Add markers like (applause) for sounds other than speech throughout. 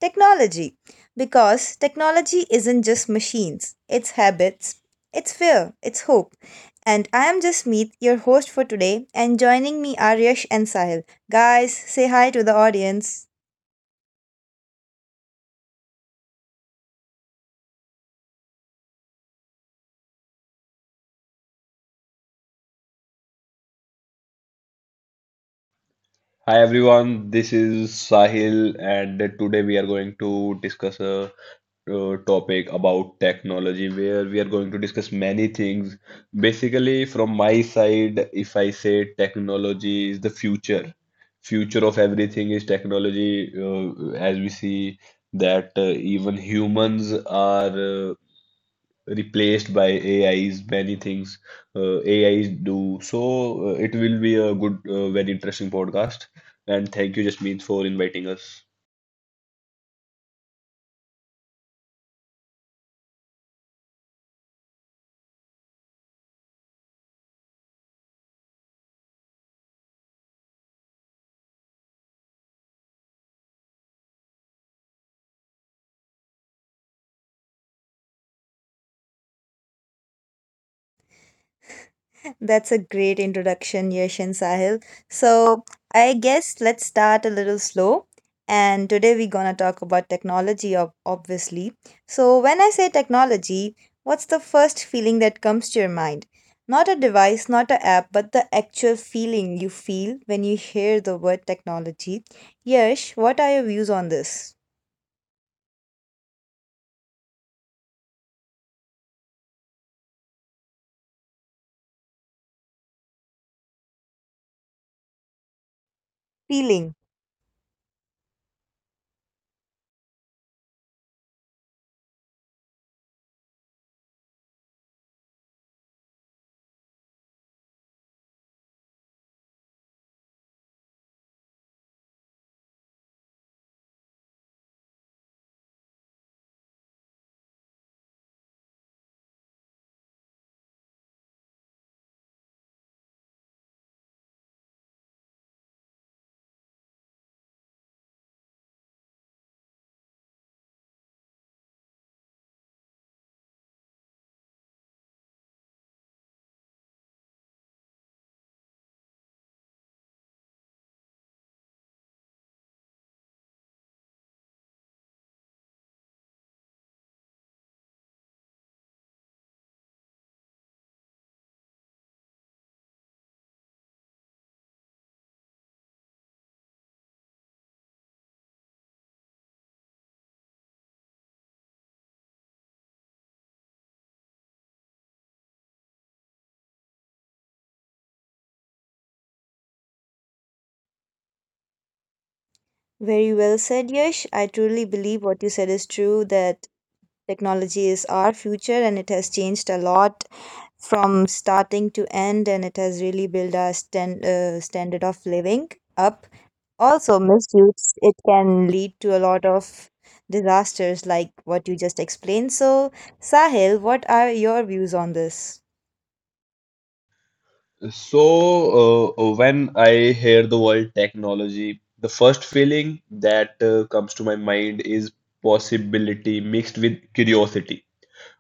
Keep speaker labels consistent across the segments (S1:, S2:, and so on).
S1: technology. Because technology isn't just machines, it's habits, it's fear, it's hope. And I am just Meet, your host for today, and joining me are Yash and Sahil. Guys, say hi to the audience.
S2: Hi everyone, this is Sahil, and today we are going to discuss a topic about technology where we are going to discuss many things. Basically, from my side, if I say technology is the future, future of everything is technology, as we see that even humans are replaced by AIs, many things AIs do. So it will be a good, very interesting podcast. And thank you, Jasmeet, for inviting us.
S1: That's a great introduction, Yash and Sahil. So, I guess let's start a little slow. And today we're going to talk about technology, obviously. So, when I say technology, what's the first feeling that comes to your mind? Not a device, not a app, but the actual feeling you feel when you hear the word technology. Yash, what are your views on this? Feeling. Very well said, Yash. I truly believe what you said is true, that technology is our future and it has changed a lot from starting to end, and it has really built our stand, standard of living up. Also, misuse, it can lead to a lot of disasters like what you just explained. So, Sahil, what are your views on this?
S2: So when I hear the word technology, the first feeling that comes to my mind is possibility mixed with curiosity.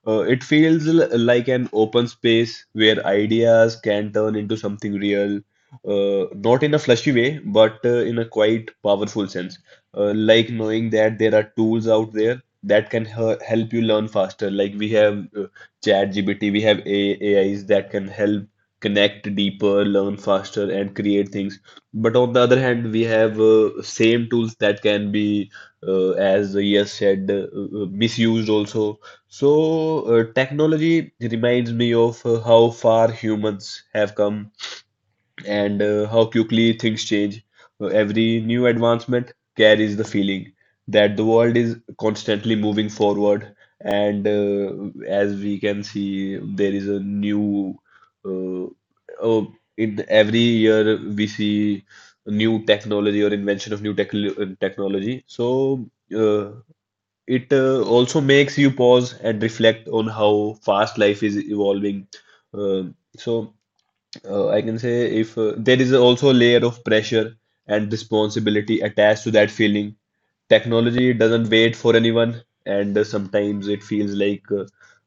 S2: It feels like an open space where ideas can turn into something real, not in a flashy way, but in a quite powerful sense. Like knowing that there are tools out there that can help you learn faster. Like we have ChatGPT, we have A AIs that can help connect deeper, learn faster, and create things. But on the other hand, we have same tools that can be, as Yes said, misused also, so technology reminds me of how far humans have come and how quickly things change. Every new advancement carries the feeling that the world is constantly moving forward, and as we can see, there is a new. Uh, oh, in every year we see new technology or invention of new technology. Uh, it also makes you pause and reflect on how fast life is evolving. Um so I can say if there is also a layer of pressure and responsibility attached to that feeling. Technology doesn't wait for anyone, and sometimes it feels like uh,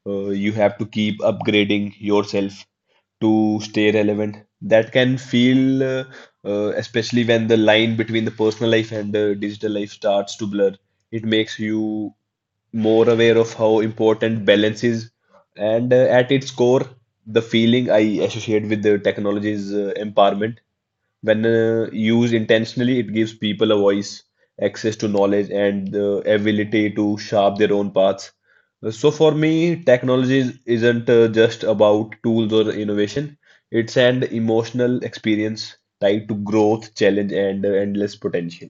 S2: uh, you have to keep upgrading yourself to stay relevant. That can feel, especially when the line between the personal life and the digital life starts to blur. It makes you more aware of how important balance is. And at its core, the feeling I associate with the technology is empowerment. When used intentionally, it gives people a voice, access to knowledge, and the ability to shape their own paths. So for me, technology isn't just about tools or innovation. It's an emotional experience tied to growth, challenge, and endless potential.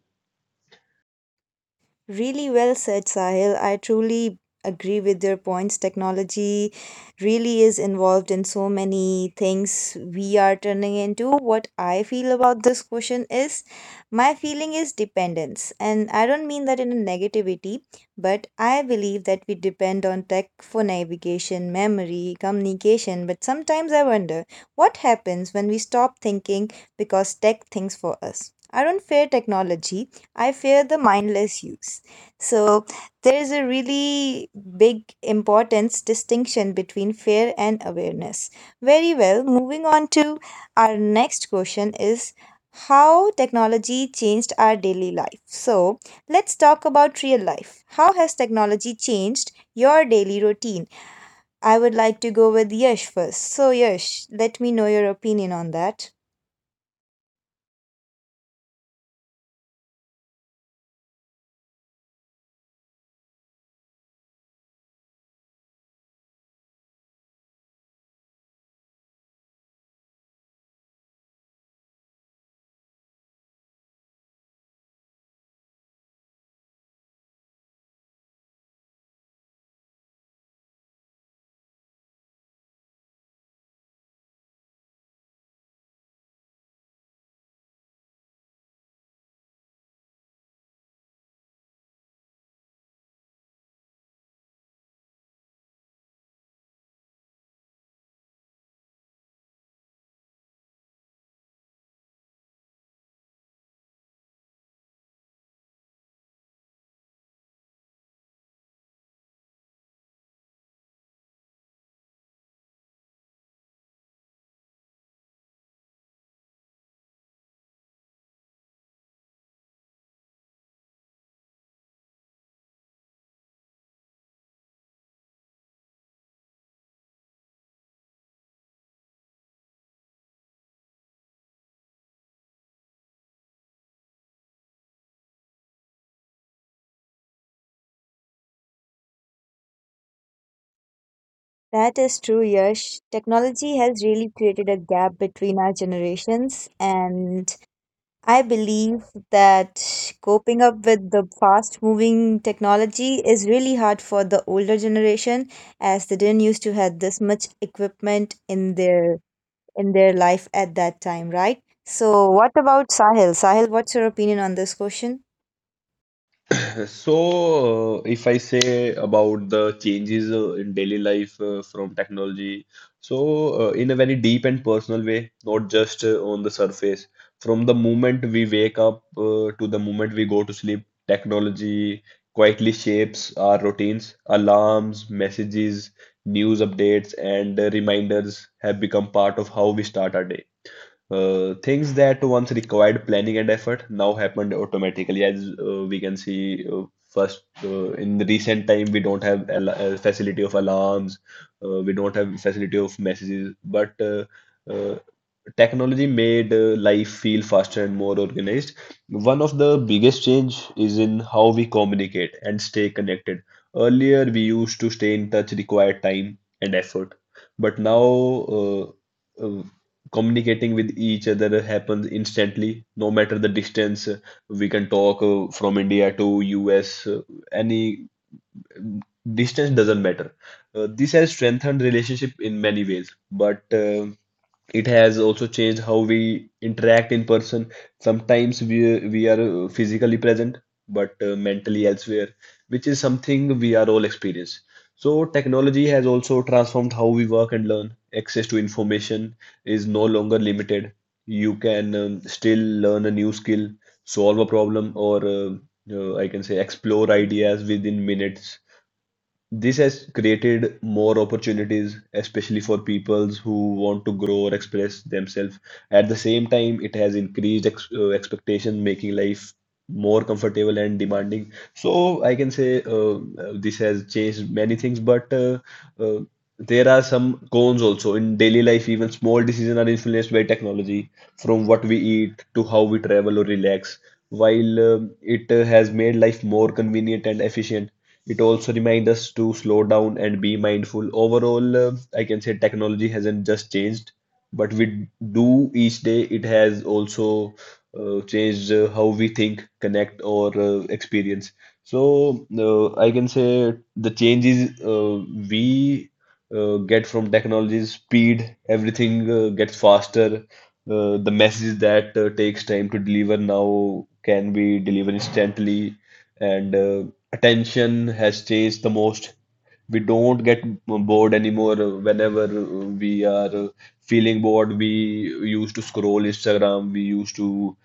S1: Really well said, Sahil. I truly agree with your points. Technology really is involved in so many things we are turning into. What I feel about this question is my feeling is dependence. And I don't mean that in a negativity, but I believe that we depend on tech for navigation, memory, communication. But sometimes I wonder what happens when we stop thinking because tech thinks for us. I don't fear technology, I fear the mindless use. So there is a really big importance distinction between fear and awareness. Very well. Moving on to our next question is how technology changed our daily life. So let's talk about real life. How has technology changed your daily routine? I would like to go with Yash first. So Yash, let me know your opinion on that. That is true, Yash. Technology has really created a gap between our generations, and I believe that coping up with the fast moving technology is really hard for the older generation, as they didn't used to have this much equipment in their life at that time, right? So what about Sahil? Sahil, what's your opinion on this question?
S2: So, if I say about the changes in daily life from technology, so in a very deep and personal way, not just on the surface, from the moment we wake up to the moment we go to sleep, technology quietly shapes our routines. Alarms, messages, news updates, and reminders have become part of how we start our day. Things that once required planning and effort now happened automatically, as we can see. First, in the recent time, we don't have al facility of alarms, we don't have facility of messages, but uh, technology made life feel faster and more organized. One of the biggest change is in how we communicate and stay connected. Earlier, we used to stay in touch required time and effort, but now. Uh, uh, Communicating with each other happens instantly no matter the distance, we can talk from india to us, any um, distance doesn't matter. This has strengthened relationship in many ways, but it has also changed how we interact in person. Sometimes we are physically present but mentally elsewhere, which is something we are all experienced. So technology has also transformed how we work and learn. Access to information is no longer limited. You can still learn a new skill, solve a problem, or I can say explore ideas within minutes. This has created more opportunities, especially for peoples who want to grow or express themselves. At the same time, it has increased ex expectation, making life more comfortable and demanding. So I can say this has changed many things, but uh, there are some cons also. In daily life, even small decisions are influenced by technology, from what we eat to how we travel or relax. While it has made life more convenient and efficient, it also reminds us to slow down and be mindful. Overall, I can say technology hasn't just changed, but we do each day. It has also changed how we think, connect, or experience. So I can say the changes we get from technology is speed. Everything gets faster. The message that takes time to deliver now can be delivered instantly, and attention has changed the most. We don't get bored anymore. Whenever we are feeling bored, we used to scroll Instagram, we used to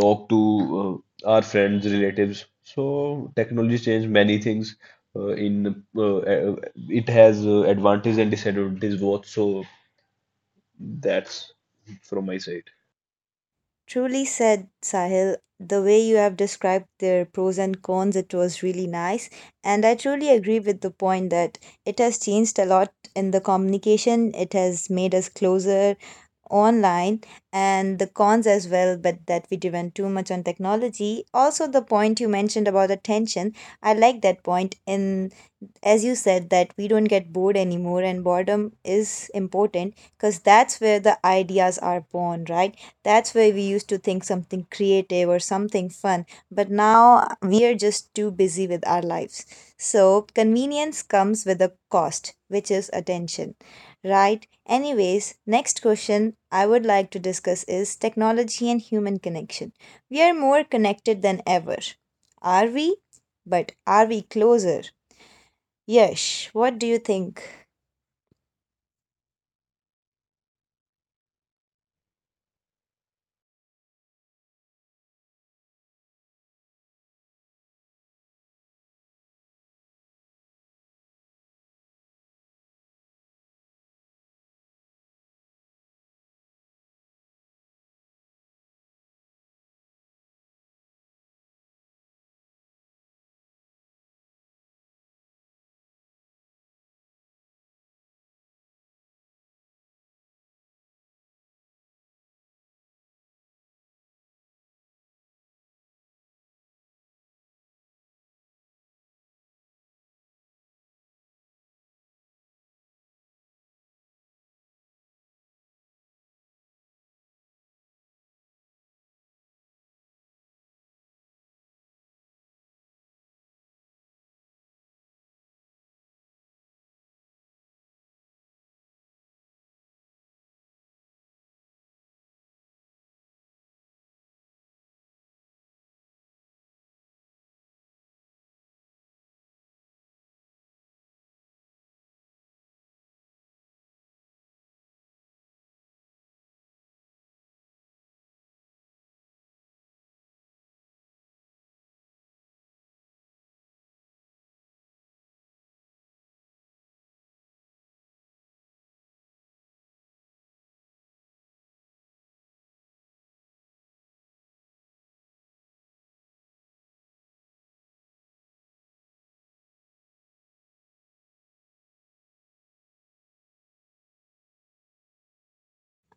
S2: talk to our friends, relatives. So technology changed many things. In it has advantages and disadvantages both. So that's from my side.
S1: Truly said, Sahil, the way you have described their pros and cons, it was really nice. And I truly agree with the point that it has changed a lot in the communication. It has made us closer online, and the cons as well, but that we depend too much on technology. Also, the point you mentioned about attention, I like that point. In as you said that we don't get bored anymore, and boredom is important because that's where the ideas are born, right? That's where we used to think something creative or something fun, but now we are just too busy with our lives. So convenience comes with a cost, which is attention, right? Anyways, next question I would like to discuss is technology and human connection. We are more connected than ever. Are we? But are we closer? Yash, what do you think?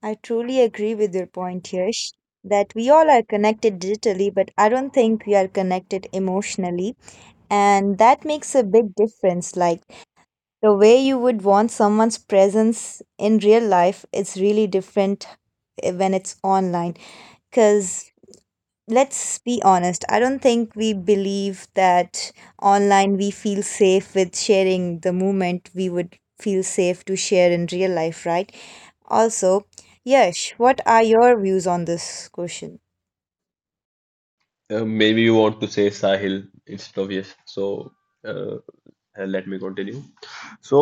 S1: I truly agree with your point, Yash, that we all are connected digitally, but I don't think we are connected emotionally. And that makes a big difference. Like, the way you would want someone's presence in real life is really different, when it's online, because let's be honest, I don't think we believe that online we feel safe with sharing the moment we would feel safe to share in real life, right? Also, Yash, what are your views on this question?
S2: Maybe you want to say Sahil instead of yes. So uh, let me continue. So,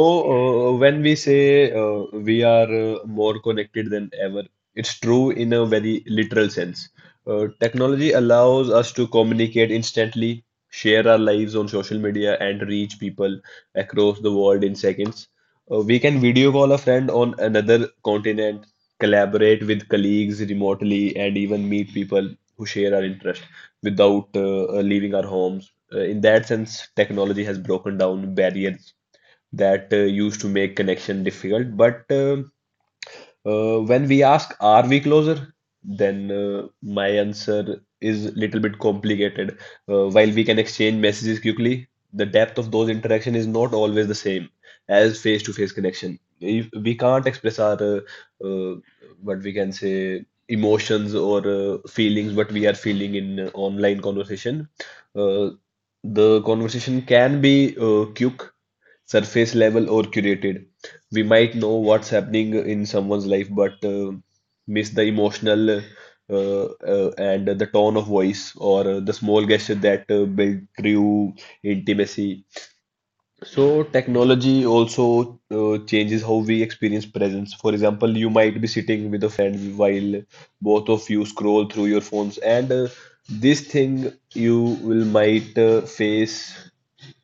S2: when we say we are more connected than ever, it's true in a very literal sense. Technology allows us to communicate instantly, share our lives on social media, and reach people across the world in seconds. We can video call a friend on another continent, collaborate with colleagues remotely, and even meet people who share our interest without leaving our homes. In that sense, technology has broken down barriers that used to make connection difficult. But when we ask, are we closer? Then my answer is little bit complicated. While we can exchange messages quickly, the depth of those interaction is not always the same as face-to-face connection. If we can't express our uh, what we can say emotions or feelings, what we are feeling in online conversation. Uh, the conversation can be quick surface level or curated. We might know what's happening in someone's life, but miss the emotional and the tone of voice or the small gesture that build true intimacy. So technology also changes how we experience presence. For example, you might be sitting with a friend while both of you scroll through your phones, and this thing you will might face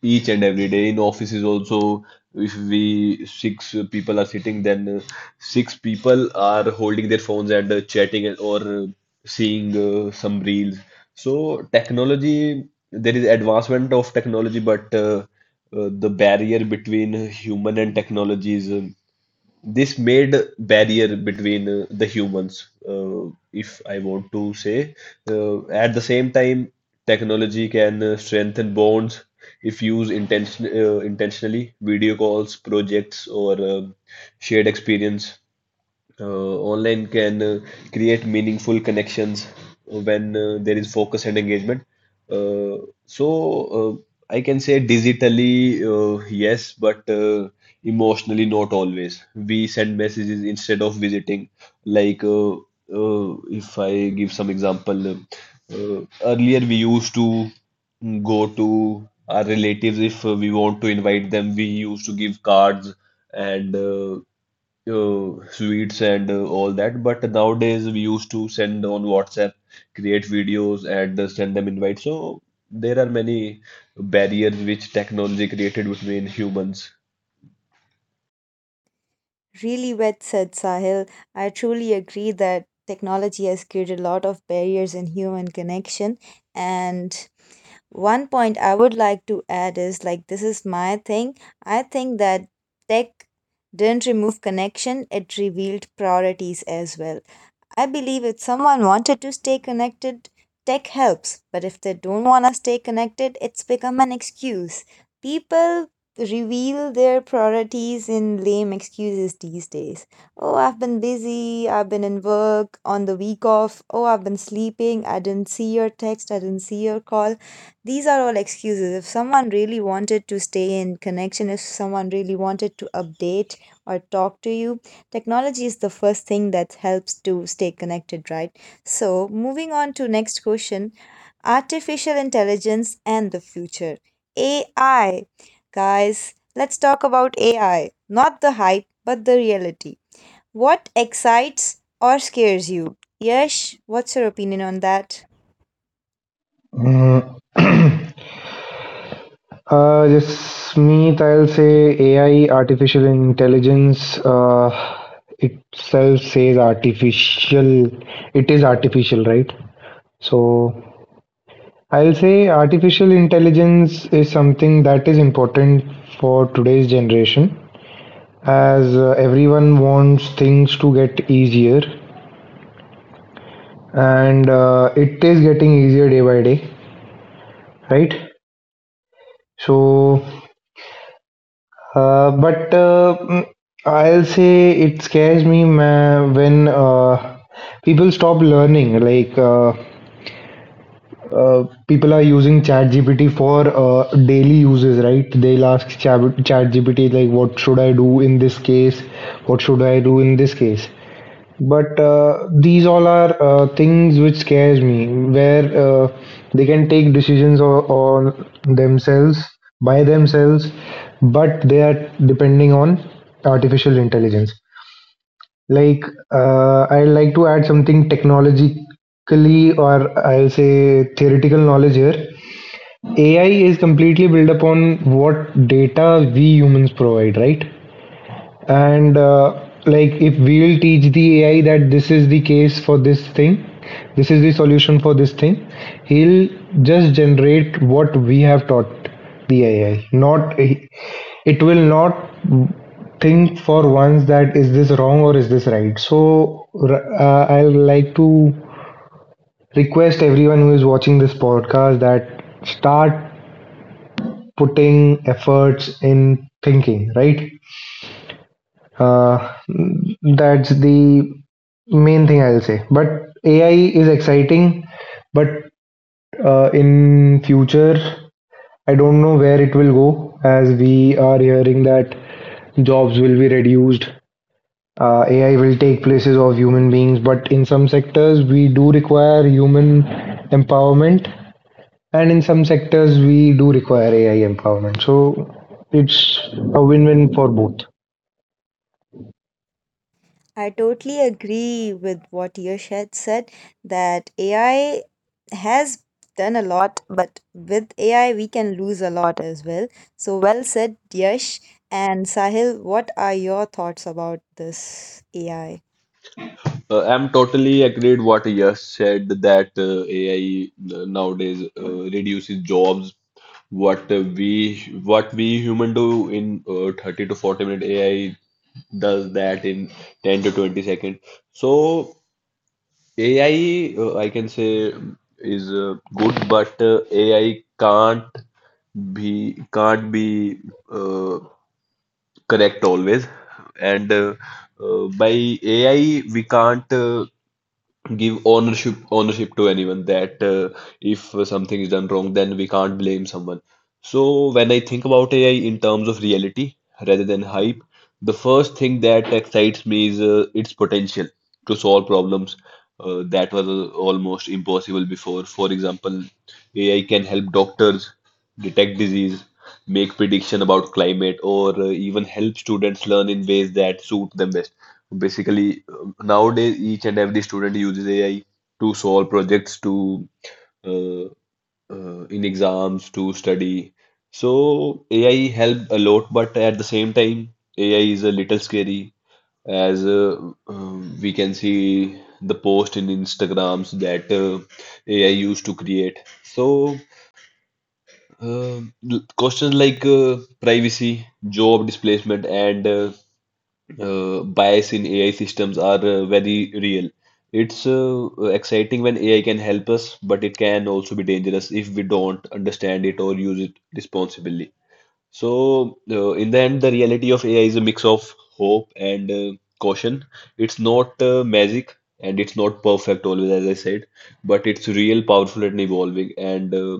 S2: each and every day in offices also. If we six people are sitting, then six people are holding their phones and chatting or seeing some reels. So technology, there is advancement of technology, but the barrier between human and technologies. This made barrier between the humans, if I want to say. At the same time, technology can strengthen bonds if used intentionally. Video calls, projects, or shared experience uh, online can create meaningful connections when there is focus and engagement. Uh, so I can say digitally, yes, but emotionally not always. We send messages instead of visiting. Like if I give some example, earlier we used to go to our relatives if we want to invite them. We used to give cards and sweets and all that. But nowadays we used to send on WhatsApp, create videos and send them invites. So there are many barriers which technology created between humans.
S1: Really well said, Sahil. I truly agree that technology has created a lot of barriers in human connection. And one point I would like to add is, like, this is my thing. I think that tech didn't remove connection, it revealed priorities as well. I believe if someone wanted to stay connected, tech helps. But if they don't want to stay connected, it's become an excuse. People reveal their priorities in lame excuses these days. Oh, I've been busy. I've been in work on the week off. Oh, I've been sleeping. I didn't see your text. I didn't see your call. These are all excuses. If someone really wanted to stay in connection, if someone really wanted to update or talk to you, technology is the first thing that helps to stay connected, right? So moving on to next question, artificial intelligence and the future. AI, guys, let's talk about AI, not the hype but the reality. What excites or scares you? Yes, what's your opinion on that?
S3: Mm. (clears throat) Just Meet, I'll say AI, artificial intelligence, itself says artificial. It is artificial, right? So I'll say artificial intelligence is something that is important for today's generation, as everyone wants things to get easier, and it is getting easier day by day, right? So Uh, but uh, mm, I'll say it scares me when people stop learning. Like people are using ChatGPT for daily uses, right? They'll ask ChatGPT like, "What should I do in this case? What should I do in this case?" But these all are things which scares me where they can take decisions on themselves by themselves, but they are depending on artificial intelligence. like I like to add something technologically, or I'll say theoretical knowledge here. AI is completely built upon what data we humans provide, right? And like, if we'll teach the AI that this is the case for this thing, this is the solution for this thing, he'll just generate what we have taught the AI. Not it will not think for once that is this wrong or is this right. So I'll like to request everyone who is watching this podcast that start putting efforts in thinking, right? Uh, that's the main thing I'll say. But AI is exciting, but in future, I don't know where it will go, as we are hearing that jobs will be reduced. AI will take places of human beings, but in some sectors we do require human empowerment, and in some sectors we do require AI empowerment. So it's a win-win for both.
S1: I totally agree with what Yash had said, that AI has done a lot, but with AI we can lose a lot as well. So well said, Yash. And Sahil, what are your thoughts about this AI?
S2: I'm totally agreed what Yash said that AI nowadays reduces jobs. What we human do in 30 to 40 minute AI does that in 10 to 20 second. So AI, I can say, is good, but AI can't be uh, correct always. And by AI, we can't give ownership to anyone that if something is done wrong, then we can't blame someone. So when I think about AI in terms of reality rather than hype, the first thing that excites me is its potential to solve problems that were almost impossible before. For example, AI can help doctors detect disease, make prediction about climate, or even help students learn in ways that suit them best. Basically, nowadays, each and every student uses AI to solve projects, to uh, in exams, to study. So AI help a lot, but at the same time, AI is a little scary as we can see the post in Instagrams that AI used to create. So uh, questions like privacy, job displacement, and bias in AI systems are very real. It's exciting when AI can help us, but it can also be dangerous if we don't understand it or use it responsibly. So, in the end, the reality of AI is a mix of hope and caution. It's not magic and it's not perfect always, as I said, but it's real, powerful, and evolving. And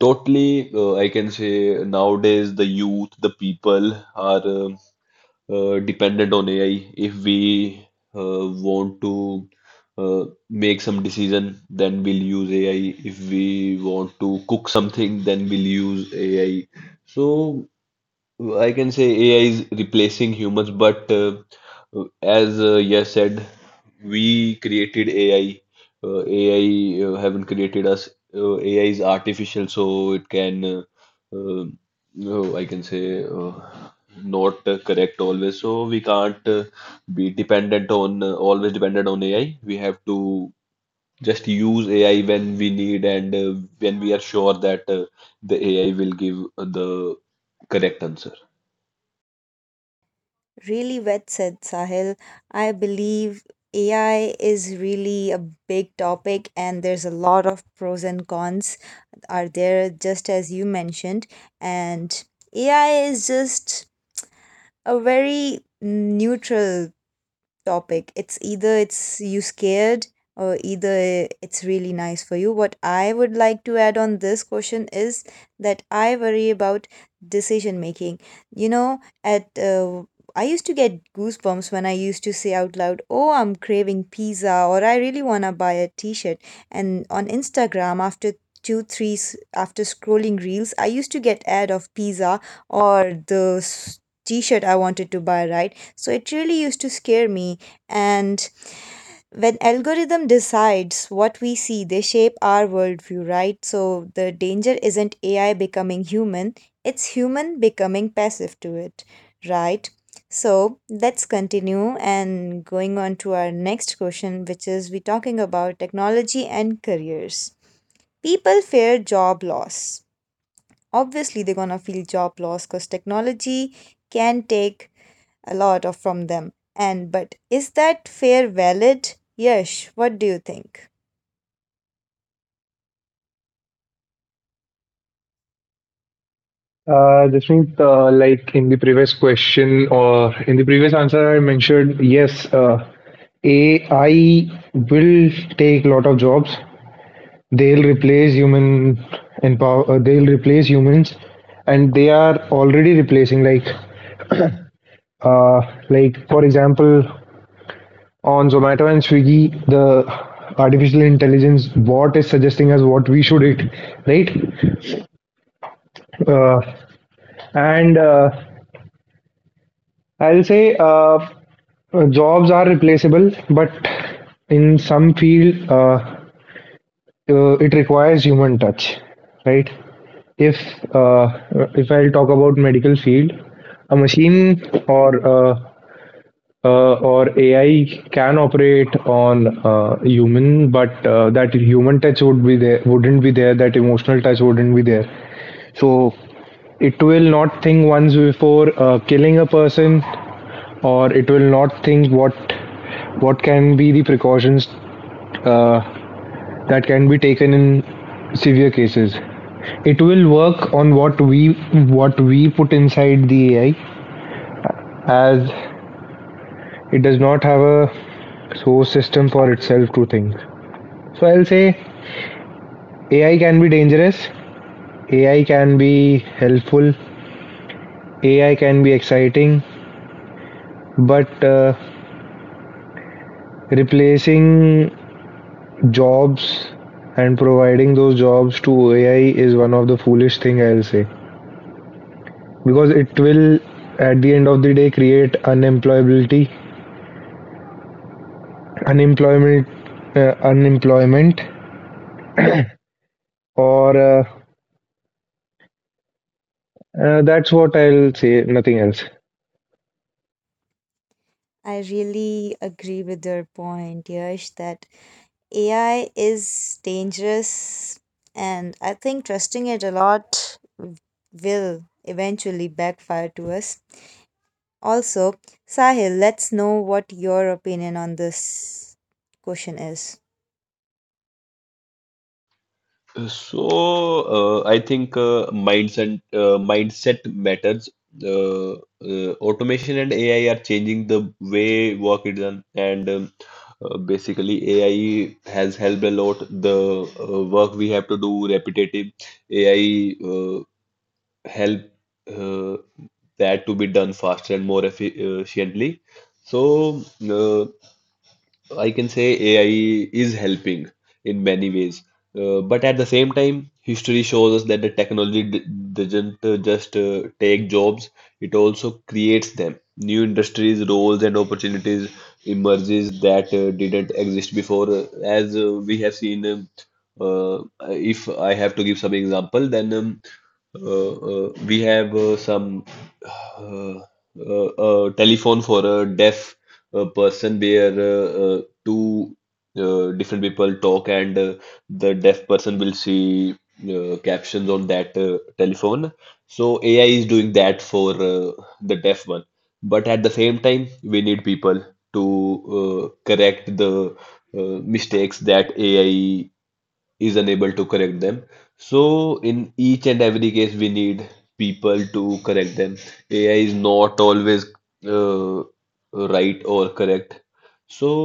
S2: totally, I can say nowadays the youth, the people are. Dependent on AI. If we want to uh, make some decision, then we'll use AI. If we want to cook something, then we'll use AI. So I can say AI is replacing humans, but as Yash said, we created AI. AI haven't created us. AI is artificial, so it can, uh, no, I can say, not correct always. So we can't be dependent on, always dependent on AI. We have to just use AI when we need and when we are sure that the AI will give the correct answer.
S1: Really well said, Sahil. I believe AI is really a big topic, and there's a lot of pros and cons are there, just as you mentioned, and AI is just a very neutral topic. It's either it's you scared or either it's really nice for you. What I would like to add on this question is that I worry about decision making. You know, at I used to get goosebumps when I used to say out loud, "Oh, I'm craving pizza," or "I really wanna buy a T-shirt." And on Instagram, after two, three, after scrolling reels, I used to get ad of pizza or the T-shirt I wanted to buy. Right, so it really used to scare me. And when algorithm decides what we see, they shape our worldview, right? So the danger isn't AI becoming human, it's human becoming passive to it, right? So let's continue and going on to our next question, which is we talking about technology and careers. People fear job loss, obviously they're gonna feel job loss because technology can take a lot of from them. And but is that fair? Valid? Yes, what do you think?
S3: Jasmeet, like in the previous question or in the previous answer, I mentioned yes, AI will take a lot of jobs. They'll replace human and power, they'll replace humans, and they are already replacing. Uh, like for example, on Zomato and Swiggy, the artificial intelligence bot is suggesting us what we should eat, right? Uh, and I'll say, jobs are replaceable, but in some field, it requires human touch, right? If if I'll talk about medical field, a machine or uh, or AI can operate on human, but that human touch would be there, wouldn't be there. That emotional touch wouldn't be there. So it will not think once before killing a person, or it will not think what what can be the precautions uh, that can be taken in severe cases? It will work on what we put inside the AI, as it does not have a source system for itself to think. So I'll say AI can be dangerous, AI can be helpful, AI can be exciting, but replacing jobs and providing those jobs to AI is one of the foolish thing I'll say. Because it will at the end of the day create unemployability unemployment unemployment or that's what I'll say, nothing else.
S1: I really agree with your point, Yash, that AI is dangerous, and I think trusting it a lot will eventually backfire to us. Also, Sahil, let's know what your opinion on this question is.
S2: So, I think mindset matters. Uh, Automation and AI are changing the way work is done, and basically AI has helped a lot. The work we have to do repetitive, AI help uh, that to be done faster and more efficiently. So, uh, I can say AI is helping in many ways. But at the same time, history shows us that the technology d doesn't just take jobs, it also creates them. New industries, roles, and opportunities emerges that didn't exist before. As we have seen, uh, if I have to give some example, then we have some uh, telephone for a deaf person where two different people talk and the deaf person will see captions on that telephone. So AI is doing that for the deaf one. But at the same time, we need people to correct the mistakes that AI is unable to correct them. So in each and every case, we need people to correct them. AI is not always uh, right or correct. So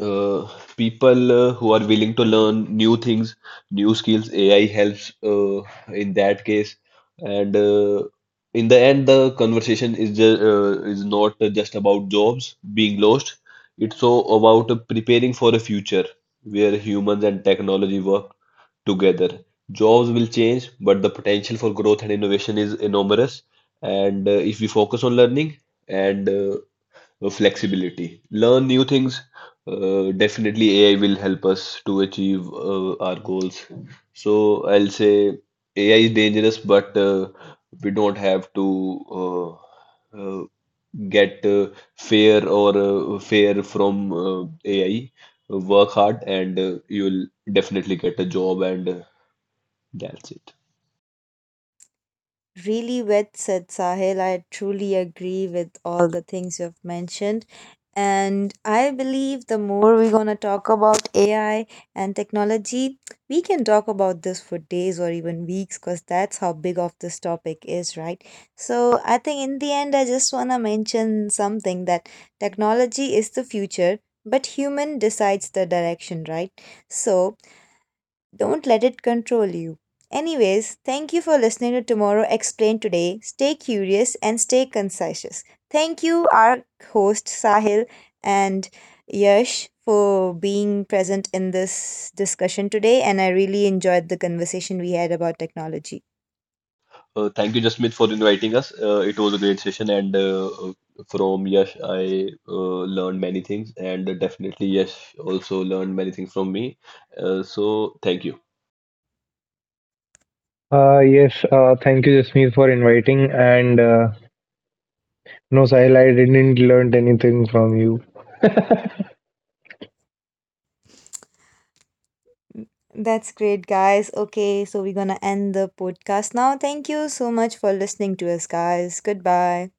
S2: uh, people who are willing to learn new things, new skills, AI helps in that case. And in the end, the conversation is just, is not just about jobs being lost. It's so about preparing for a future where humans and technology work together. Jobs will change, but the potential for growth and innovation is enormous. And if we focus on learning and flexibility. Learn new things. Definitely, AI will help us to achieve our goals. So I'll say AI is dangerous, but we don't have to uh, uh, get fear or fear from AI. Work hard, and you'll definitely get a job, and that's it.
S1: Really well said, Sahil. I truly agree with all the things you have mentioned. And I believe the more we're going to talk about AI and technology, we can talk about this for days or even weeks, because that's how big of this topic is, right? So I think in the end, I just want to mention something, that technology is the future, but human decides the direction, right? So don't let it control you. Anyways, thank you for listening to Tomorrow Explained today. Stay curious and stay conscientious. Thank you, our host Sahil and Yash, for being present in this discussion today. And I really enjoyed the conversation we had about technology.
S2: Thank you, Jasmeet, for inviting us. It was a great session, and from Yash, I learned many things, and definitely Yash also learned many things from me. So, thank you.
S3: Uh, yes, thank you, Jasmeet, for inviting, and no, Sahil, I didn't learn anything from you.
S1: That's great, guys. Okay, so we're gonna end the podcast now. Thank you so much for listening to us, guys. Goodbye.